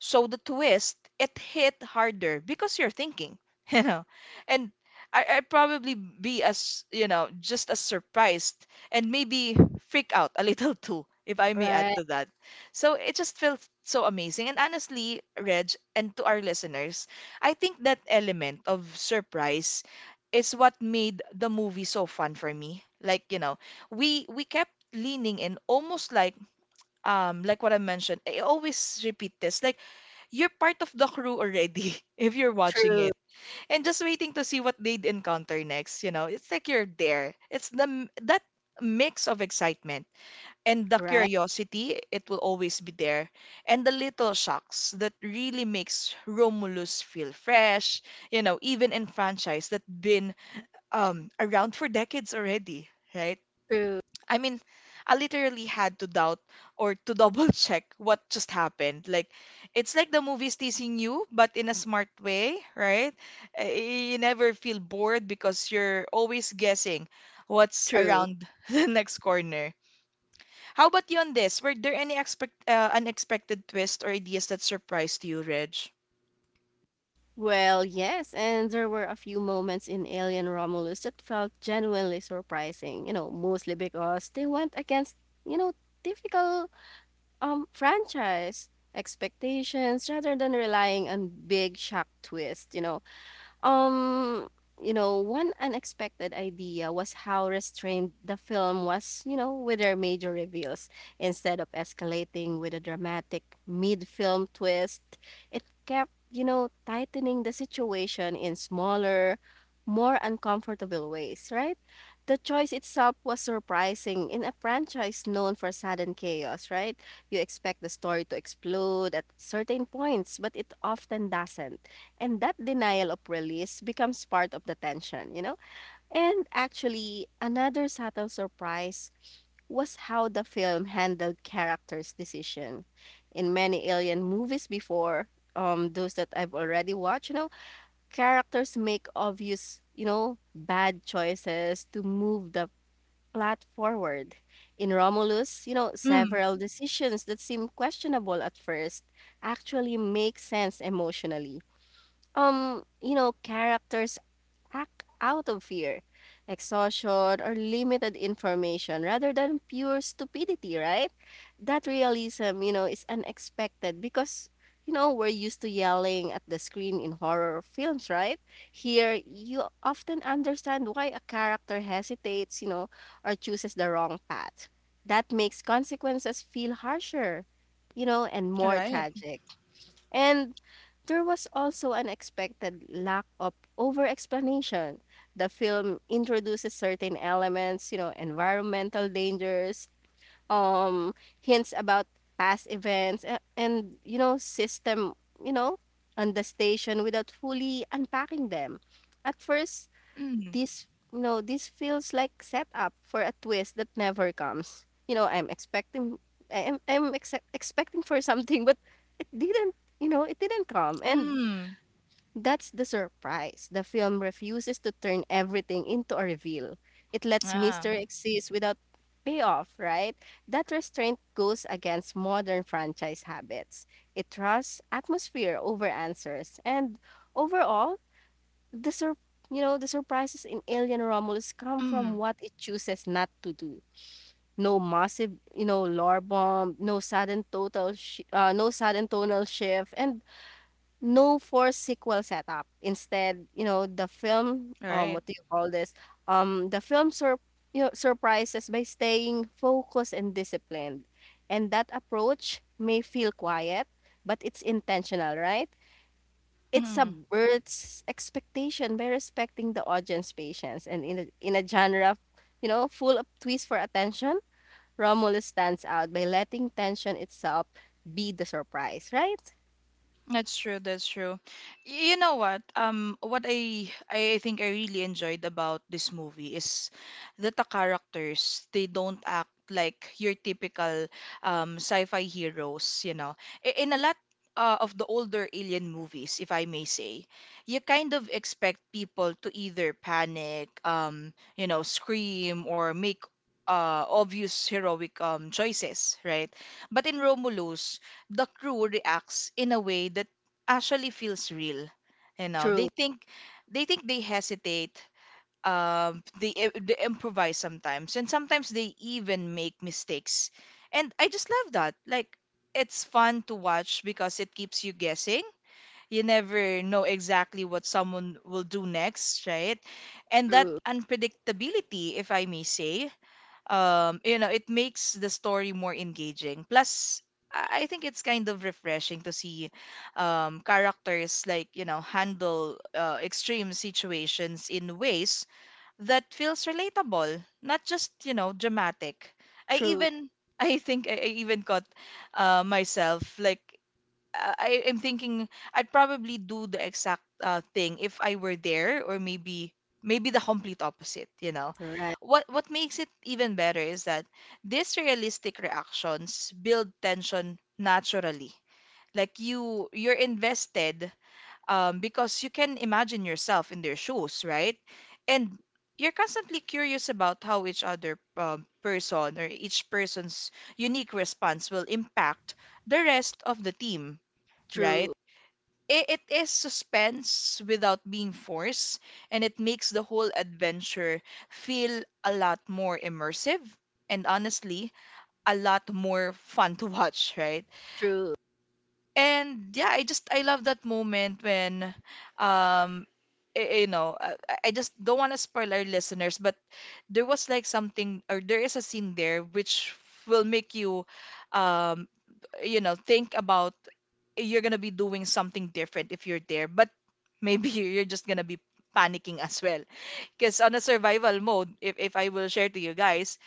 Speaker 1: so the twist, it hit harder because you're thinking, you know. And I'd probably be as, you know, just as surprised and maybe freak out a little too, if I may add
Speaker 2: right,
Speaker 1: to that. So it just felt so amazing. And honestly, Reg, and to our listeners, I think that element of surprise is what made the movie so fun for me. Like, you know, we kept leaning in almost like like what I mentioned. I always repeat this. Like you're part of the crew already if you're watching
Speaker 2: true,
Speaker 1: it, and just waiting to see what they'd encounter next, you know, it's like you're there. It's the m- that mix of excitement and the
Speaker 2: right,
Speaker 1: curiosity. It will always be there, and the little shocks that really makes Romulus feel fresh, you know, even in franchise that been around for decades already, right?
Speaker 2: true,
Speaker 1: I mean, I literally had to doubt or to double check what just happened. Like, it's like the movie's teasing you, but in a smart way, right? You never feel bored because you're always guessing what's
Speaker 2: true.
Speaker 1: around the next corner. How about you on this? Were there any expect unexpected twists or ideas that surprised you, Reg?
Speaker 2: Well, yes, and there were a few moments in Alien Romulus that felt genuinely surprising, mostly because they went against, you know, typical um franchise expectations rather than relying on big shock twists, Um, one unexpected idea was how restrained the film was with their major reveals. Instead of escalating with a dramatic mid-film twist, it kept tightening the situation in smaller, more uncomfortable ways, right? The choice itself was surprising in a franchise known for sudden chaos, right? You expect the story to explode at certain points, but it often doesn't, and that denial of release becomes part of the tension, you know? And actually, another subtle surprise was how the film handled characters' decision. In many alien movies before, those that I've already watched, characters make obvious, bad choices to move the plot forward. In Romulus,
Speaker 1: Mm,
Speaker 2: several decisions that seem questionable at first actually make sense emotionally. Characters act out of fear, exhaustion, or limited information rather than pure stupidity, right? That realism is unexpected because we're used to yelling at the screen in horror films, right? Here, you often understand why a character hesitates or chooses the wrong path. That makes consequences feel harsher and more
Speaker 1: right.
Speaker 2: tragic. And there was also an expected lack of over explanation. The film introduces certain elements, environmental dangers, um, hints about past events, and system, you know, on the station without fully unpacking them. At first,
Speaker 1: Mm,
Speaker 2: this you know this feels like setup for a twist that never comes. I'm expecting for something, but it didn't come. And
Speaker 1: mm,
Speaker 2: that's the surprise: the film refuses to turn everything into a reveal. It lets
Speaker 1: ah,
Speaker 2: mystery exist without payoff, right? That restraint goes against modern franchise habits. It trusts atmosphere over answers. And overall, the sur- the surprises in Alien Romulus come from
Speaker 1: mm,
Speaker 2: what it chooses not to do. No massive lore bomb, no sudden tonal shift, and no forced sequel setup. Instead, the film,
Speaker 1: right.
Speaker 2: what do you call this? The film surprises by staying focused and disciplined, and that approach may feel quiet, but it's intentional, right? It
Speaker 1: Mm.
Speaker 2: subverts expectation by respecting the audience patience, and in a genre, full of twists for attention, Romulus stands out by letting tension itself be the surprise, right?
Speaker 1: That's true, that's true. You know what? What I think I really enjoyed about this movie is that the characters, they don't act like your typical sci-fi heroes, you know. In a lot of the older alien movies, if I may say, you kind of expect people to either panic, you know, scream or make obvious heroic choices, right? But in Romulus, the crew reacts in a way that actually feels real. You know,
Speaker 2: True,
Speaker 1: they think they hesitate. They improvise sometimes, and sometimes they even make mistakes. And I just love that. Like, it's fun to watch because it keeps you guessing. You never know exactly what someone will do next, right? And that
Speaker 2: true,
Speaker 1: unpredictability, if I may say, um, you know, it makes the story more engaging. Plus I think it's kind of refreshing to see characters like, you know, handle extreme situations in ways that feels relatable, not just, you know, dramatic. i
Speaker 2: true,
Speaker 1: even I even caught myself like, I am thinking I'd probably do the exact thing if I were there, or maybe the complete opposite, you know.
Speaker 2: right,
Speaker 1: What makes it even better is that these realistic reactions build tension naturally. Like, you're invested, because you can imagine yourself in their shoes, right? And you're constantly curious about how each person's unique response will impact the rest of the team, right?
Speaker 2: true,
Speaker 1: It is suspense without being forced, and it makes the whole adventure feel a lot more immersive, and honestly, a lot more fun to watch, right?
Speaker 2: true,
Speaker 1: And yeah, I just I love that moment when um you know, I just don't want to spoil our listeners, but there was like something, or there is a scene there which will make you um you know think about you're gonna be doing something different if you're there. But maybe you're just gonna be panicking as well. Because on a survival mode, if I will share to you guys,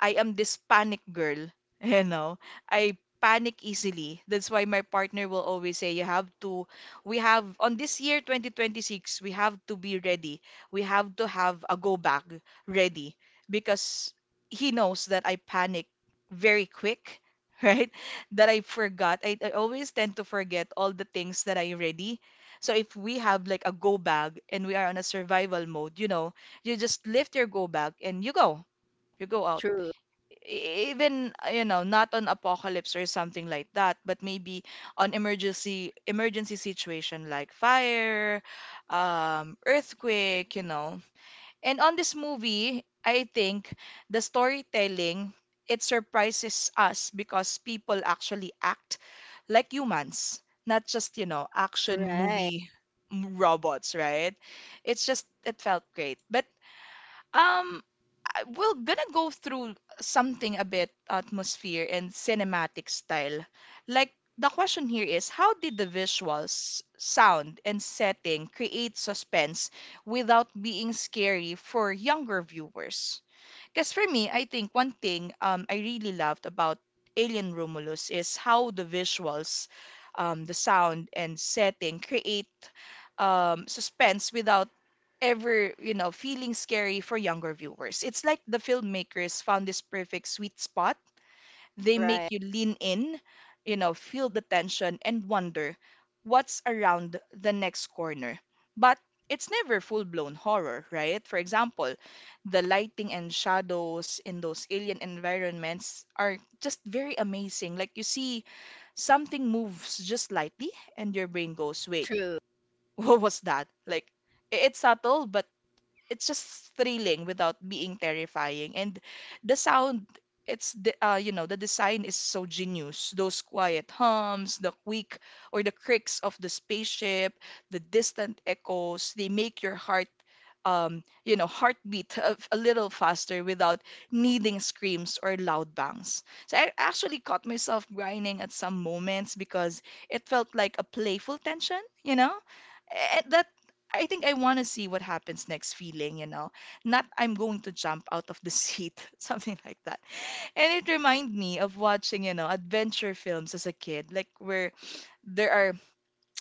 Speaker 1: I am this panic girl, you know. I panic easily. That's why my partner will always say you have to, we have on this year 2026, we have to be ready. We have to have a go back ready, because he knows that I panic very quick, right? That I forgot. I always tend to forget all the things that I ready. So if we have like a go bag and we are on a survival mode, you know, you just lift your go bag and you go. You go out,
Speaker 2: true,
Speaker 1: e-, even, you know, not on apocalypse or something like that, but maybe on emergency situation like fire, um, earthquake, you know. And on this movie, I think the storytelling, it surprises us because people actually act like humans, not just, you know, action
Speaker 2: right,
Speaker 1: movie robots, right? It's just it felt great. But um, we're gonna go through something a bit atmosphere and cinematic style. Like, the question here is how did the visuals, sound, and setting create suspense without being scary for younger viewers? Because for me, I think one thing, I really loved about Alien Romulus is how the visuals, the sound, and setting create suspense without ever, you know, feeling scary for younger viewers. It's like the filmmakers found this perfect sweet spot. They
Speaker 2: right,
Speaker 1: make you lean in, you know, feel the tension and wonder what's around the next corner. But it's never full-blown horror, right? For example, the lighting and shadows in those alien environments are just very amazing. Like, you see something moves just slightly and your brain goes, wait,
Speaker 2: true.
Speaker 1: what was that? Like, it's subtle, but it's just thrilling without being terrifying. And the sound, it's the, you know, the design is so genius. Those quiet hums, the quick or the creaks of the spaceship, the distant echoes, they make your heart you know, heartbeat a little faster without needing screams or loud bangs. So I actually caught myself grinding at some moments because it felt like a playful tension, you know? Eh, That. I think I want to see what happens next feeling, you know. Not I'm going to jump out of the seat, something like that. And it reminded me of watching, you know, adventure films as a kid, like where there are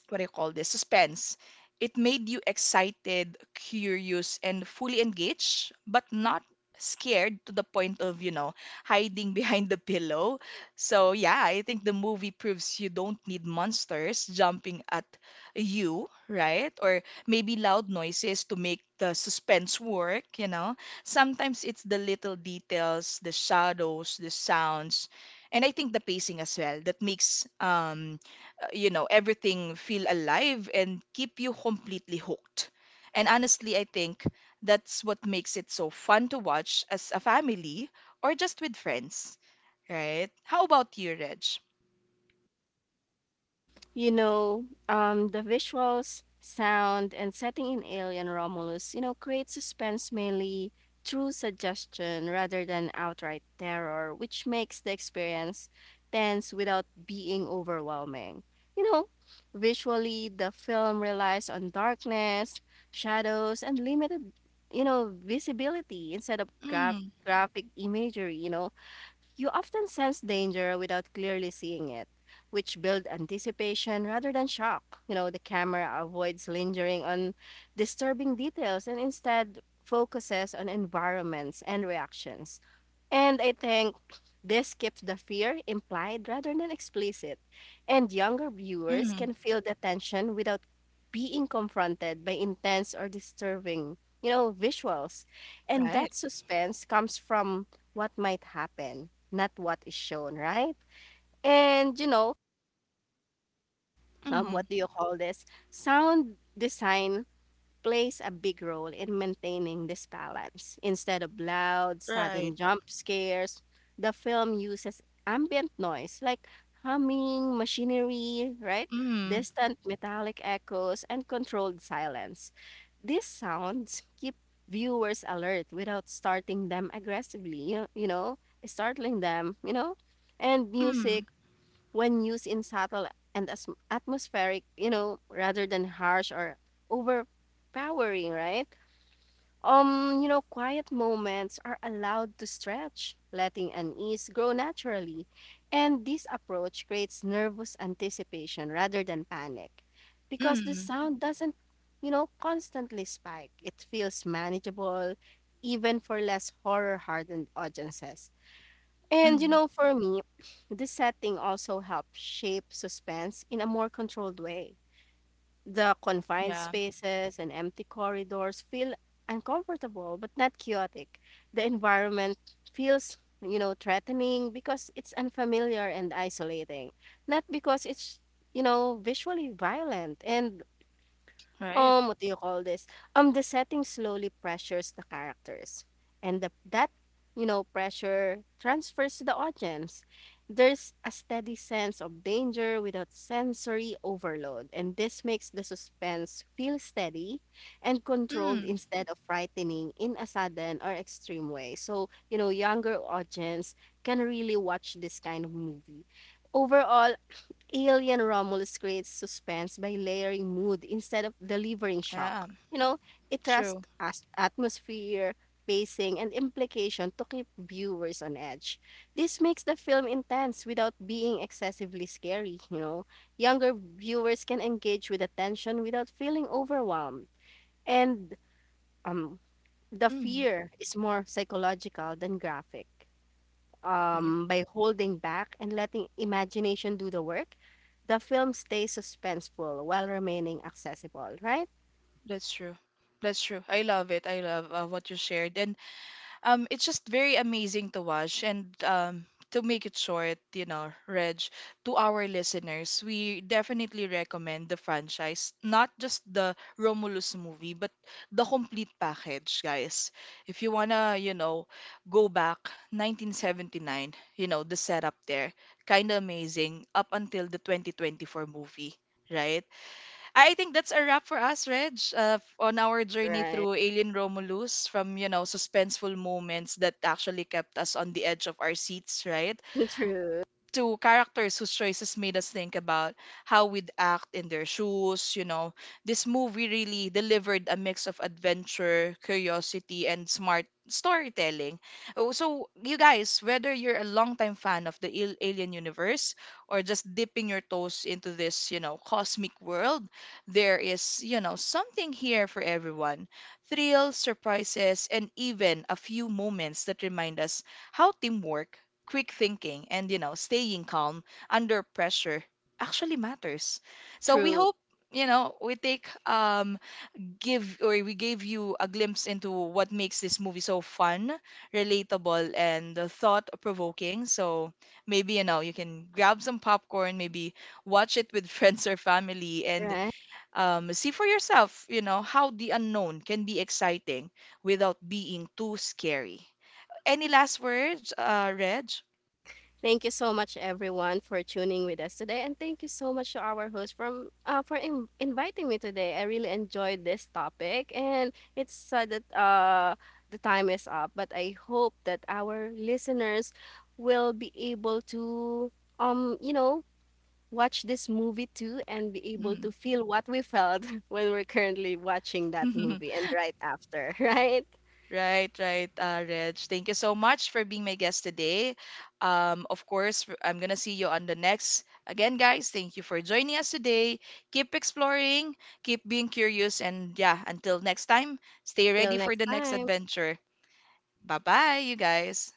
Speaker 1: what do you call this suspense. It made you excited, curious, and fully engaged, but not scared to the point of, you know, hiding behind the pillow. So yeah, I think the movie proves you don't need monsters jumping at you, right, or maybe loud noises to make the suspense work, you know. Sometimes it's the little details, the shadows, the sounds, and I think the pacing as well, that makes you know, everything feel alive and keep you completely hooked. And honestly, I think that's what makes it so fun to watch as a family or just with friends, right? How about you, Reg?
Speaker 2: The visuals, sound, and setting in Alien Romulus, create suspense mainly through suggestion rather than outright terror, which makes the experience tense without being overwhelming. You know, Visually, the film relies on darkness, shadows, and limited visibility instead of
Speaker 1: Mm,
Speaker 2: graphic imagery. You often sense danger without clearly seeing it, which build anticipation rather than shock. The camera avoids lingering on disturbing details and instead focuses on environments and reactions. And I think this keeps the fear implied rather than explicit. And younger viewers
Speaker 1: mm,
Speaker 2: can feel the tension without being confronted by intense or disturbing visuals. And
Speaker 1: right,
Speaker 2: that suspense comes from what might happen, not what is shown, right? And you know,
Speaker 1: mm,
Speaker 2: what do you call this? Sound design plays a big role in maintaining this balance. Instead of loud,
Speaker 1: right,
Speaker 2: sudden jump scares, the film uses ambient noise like humming, machinery, right?
Speaker 1: mm,
Speaker 2: Distant metallic echoes, and controlled silence. These sounds keep viewers alert without starting them aggressively, startling them. And
Speaker 1: mm,
Speaker 2: music, when used in subtle and atmospheric, rather than harsh or overpowering, right? Quiet moments are allowed to stretch, letting unease grow naturally. And this approach creates nervous anticipation rather than panic because the
Speaker 1: mm,
Speaker 2: sound doesn't constantly spike. It feels manageable even for less horror hardened audiences.
Speaker 1: mm,
Speaker 2: For me, this setting also helped shape suspense in a more controlled way. The confined
Speaker 1: yeah,
Speaker 2: spaces and empty corridors feel uncomfortable but not chaotic. The environment feels threatening because it's unfamiliar and isolating, not because it's visually violent. And
Speaker 1: right,
Speaker 2: what do you call this? The setting slowly pressures the characters, and that pressure transfers to the audience. There's a steady sense of danger without sensory overload, and this makes the suspense feel steady and controlled
Speaker 1: mm,
Speaker 2: instead of frightening in a sudden or extreme way, so younger audience can really watch this kind of movie. Overall, Alien Romulus creates suspense by layering mood instead of delivering
Speaker 1: yeah,
Speaker 2: shock. It
Speaker 1: true,
Speaker 2: trusts atmosphere, pacing, and implication to keep viewers on edge. This makes the film intense without being excessively scary, you know. Younger viewers can engage with the tension without feeling overwhelmed. And um the
Speaker 1: mm,
Speaker 2: fear is more psychological than graphic
Speaker 1: right.
Speaker 2: um, By holding back and letting imagination do the work, the film stays suspenseful while remaining accessible, right?
Speaker 1: That's true, that's true. I love it. I love what you shared. And it's just very amazing to watch. And to make it short, you know, Reg, to our listeners, we definitely recommend the franchise, not just the Romulus movie, but the complete package, guys. If you wanna, you know, go back 1979, you know, the setup there, kind of amazing up until the 2024 movie, right? I think that's a wrap for us, Reg, on our journey
Speaker 2: Right.
Speaker 1: through Alien Romulus, from, you know, suspenseful moments that actually kept us on the edge of our seats, right,
Speaker 2: True.
Speaker 1: to characters whose choices made us think about how we'd act in their shoes, you know. This movie really delivered a mix of adventure, curiosity, and smart storytelling. Oh, so, you guys, whether you're a longtime fan of the Alien universe or just dipping your toes into this, you know, cosmic world, there is, you know, something here for everyone. Thrills, surprises, and even a few moments that remind us how teamwork, quick thinking, and, you know, staying calm under pressure actually matters. So we
Speaker 2: True.
Speaker 1: hope, you know, we take give or we gave you a glimpse into what makes this movie so fun, relatable, and thought provoking. So maybe, you know, you can grab some popcorn, maybe watch it with friends or family, and
Speaker 2: Right.
Speaker 1: see for yourself, you know, how the unknown can be exciting without being too scary. Any last words, Reg?
Speaker 2: Thank you so much, everyone, for tuning with us today, and thank you so much to our host from for inviting me today. I really enjoyed this topic, and it's sad that the time is up, but I hope that our listeners will be able to um you know watch this movie too and be able
Speaker 1: Mm-hmm.
Speaker 2: to feel what we felt when we're currently watching that movie and right after, right?
Speaker 1: Right, right, Reg. Thank you so much for being my guest today. Of course, I'm gonna see you on the next. Again, guys, thank you for joining us today. Keep exploring, keep being curious, and yeah, until next time, stay
Speaker 2: Till
Speaker 1: ready for
Speaker 2: next
Speaker 1: the next
Speaker 2: time.
Speaker 1: adventure. Bye bye, you guys.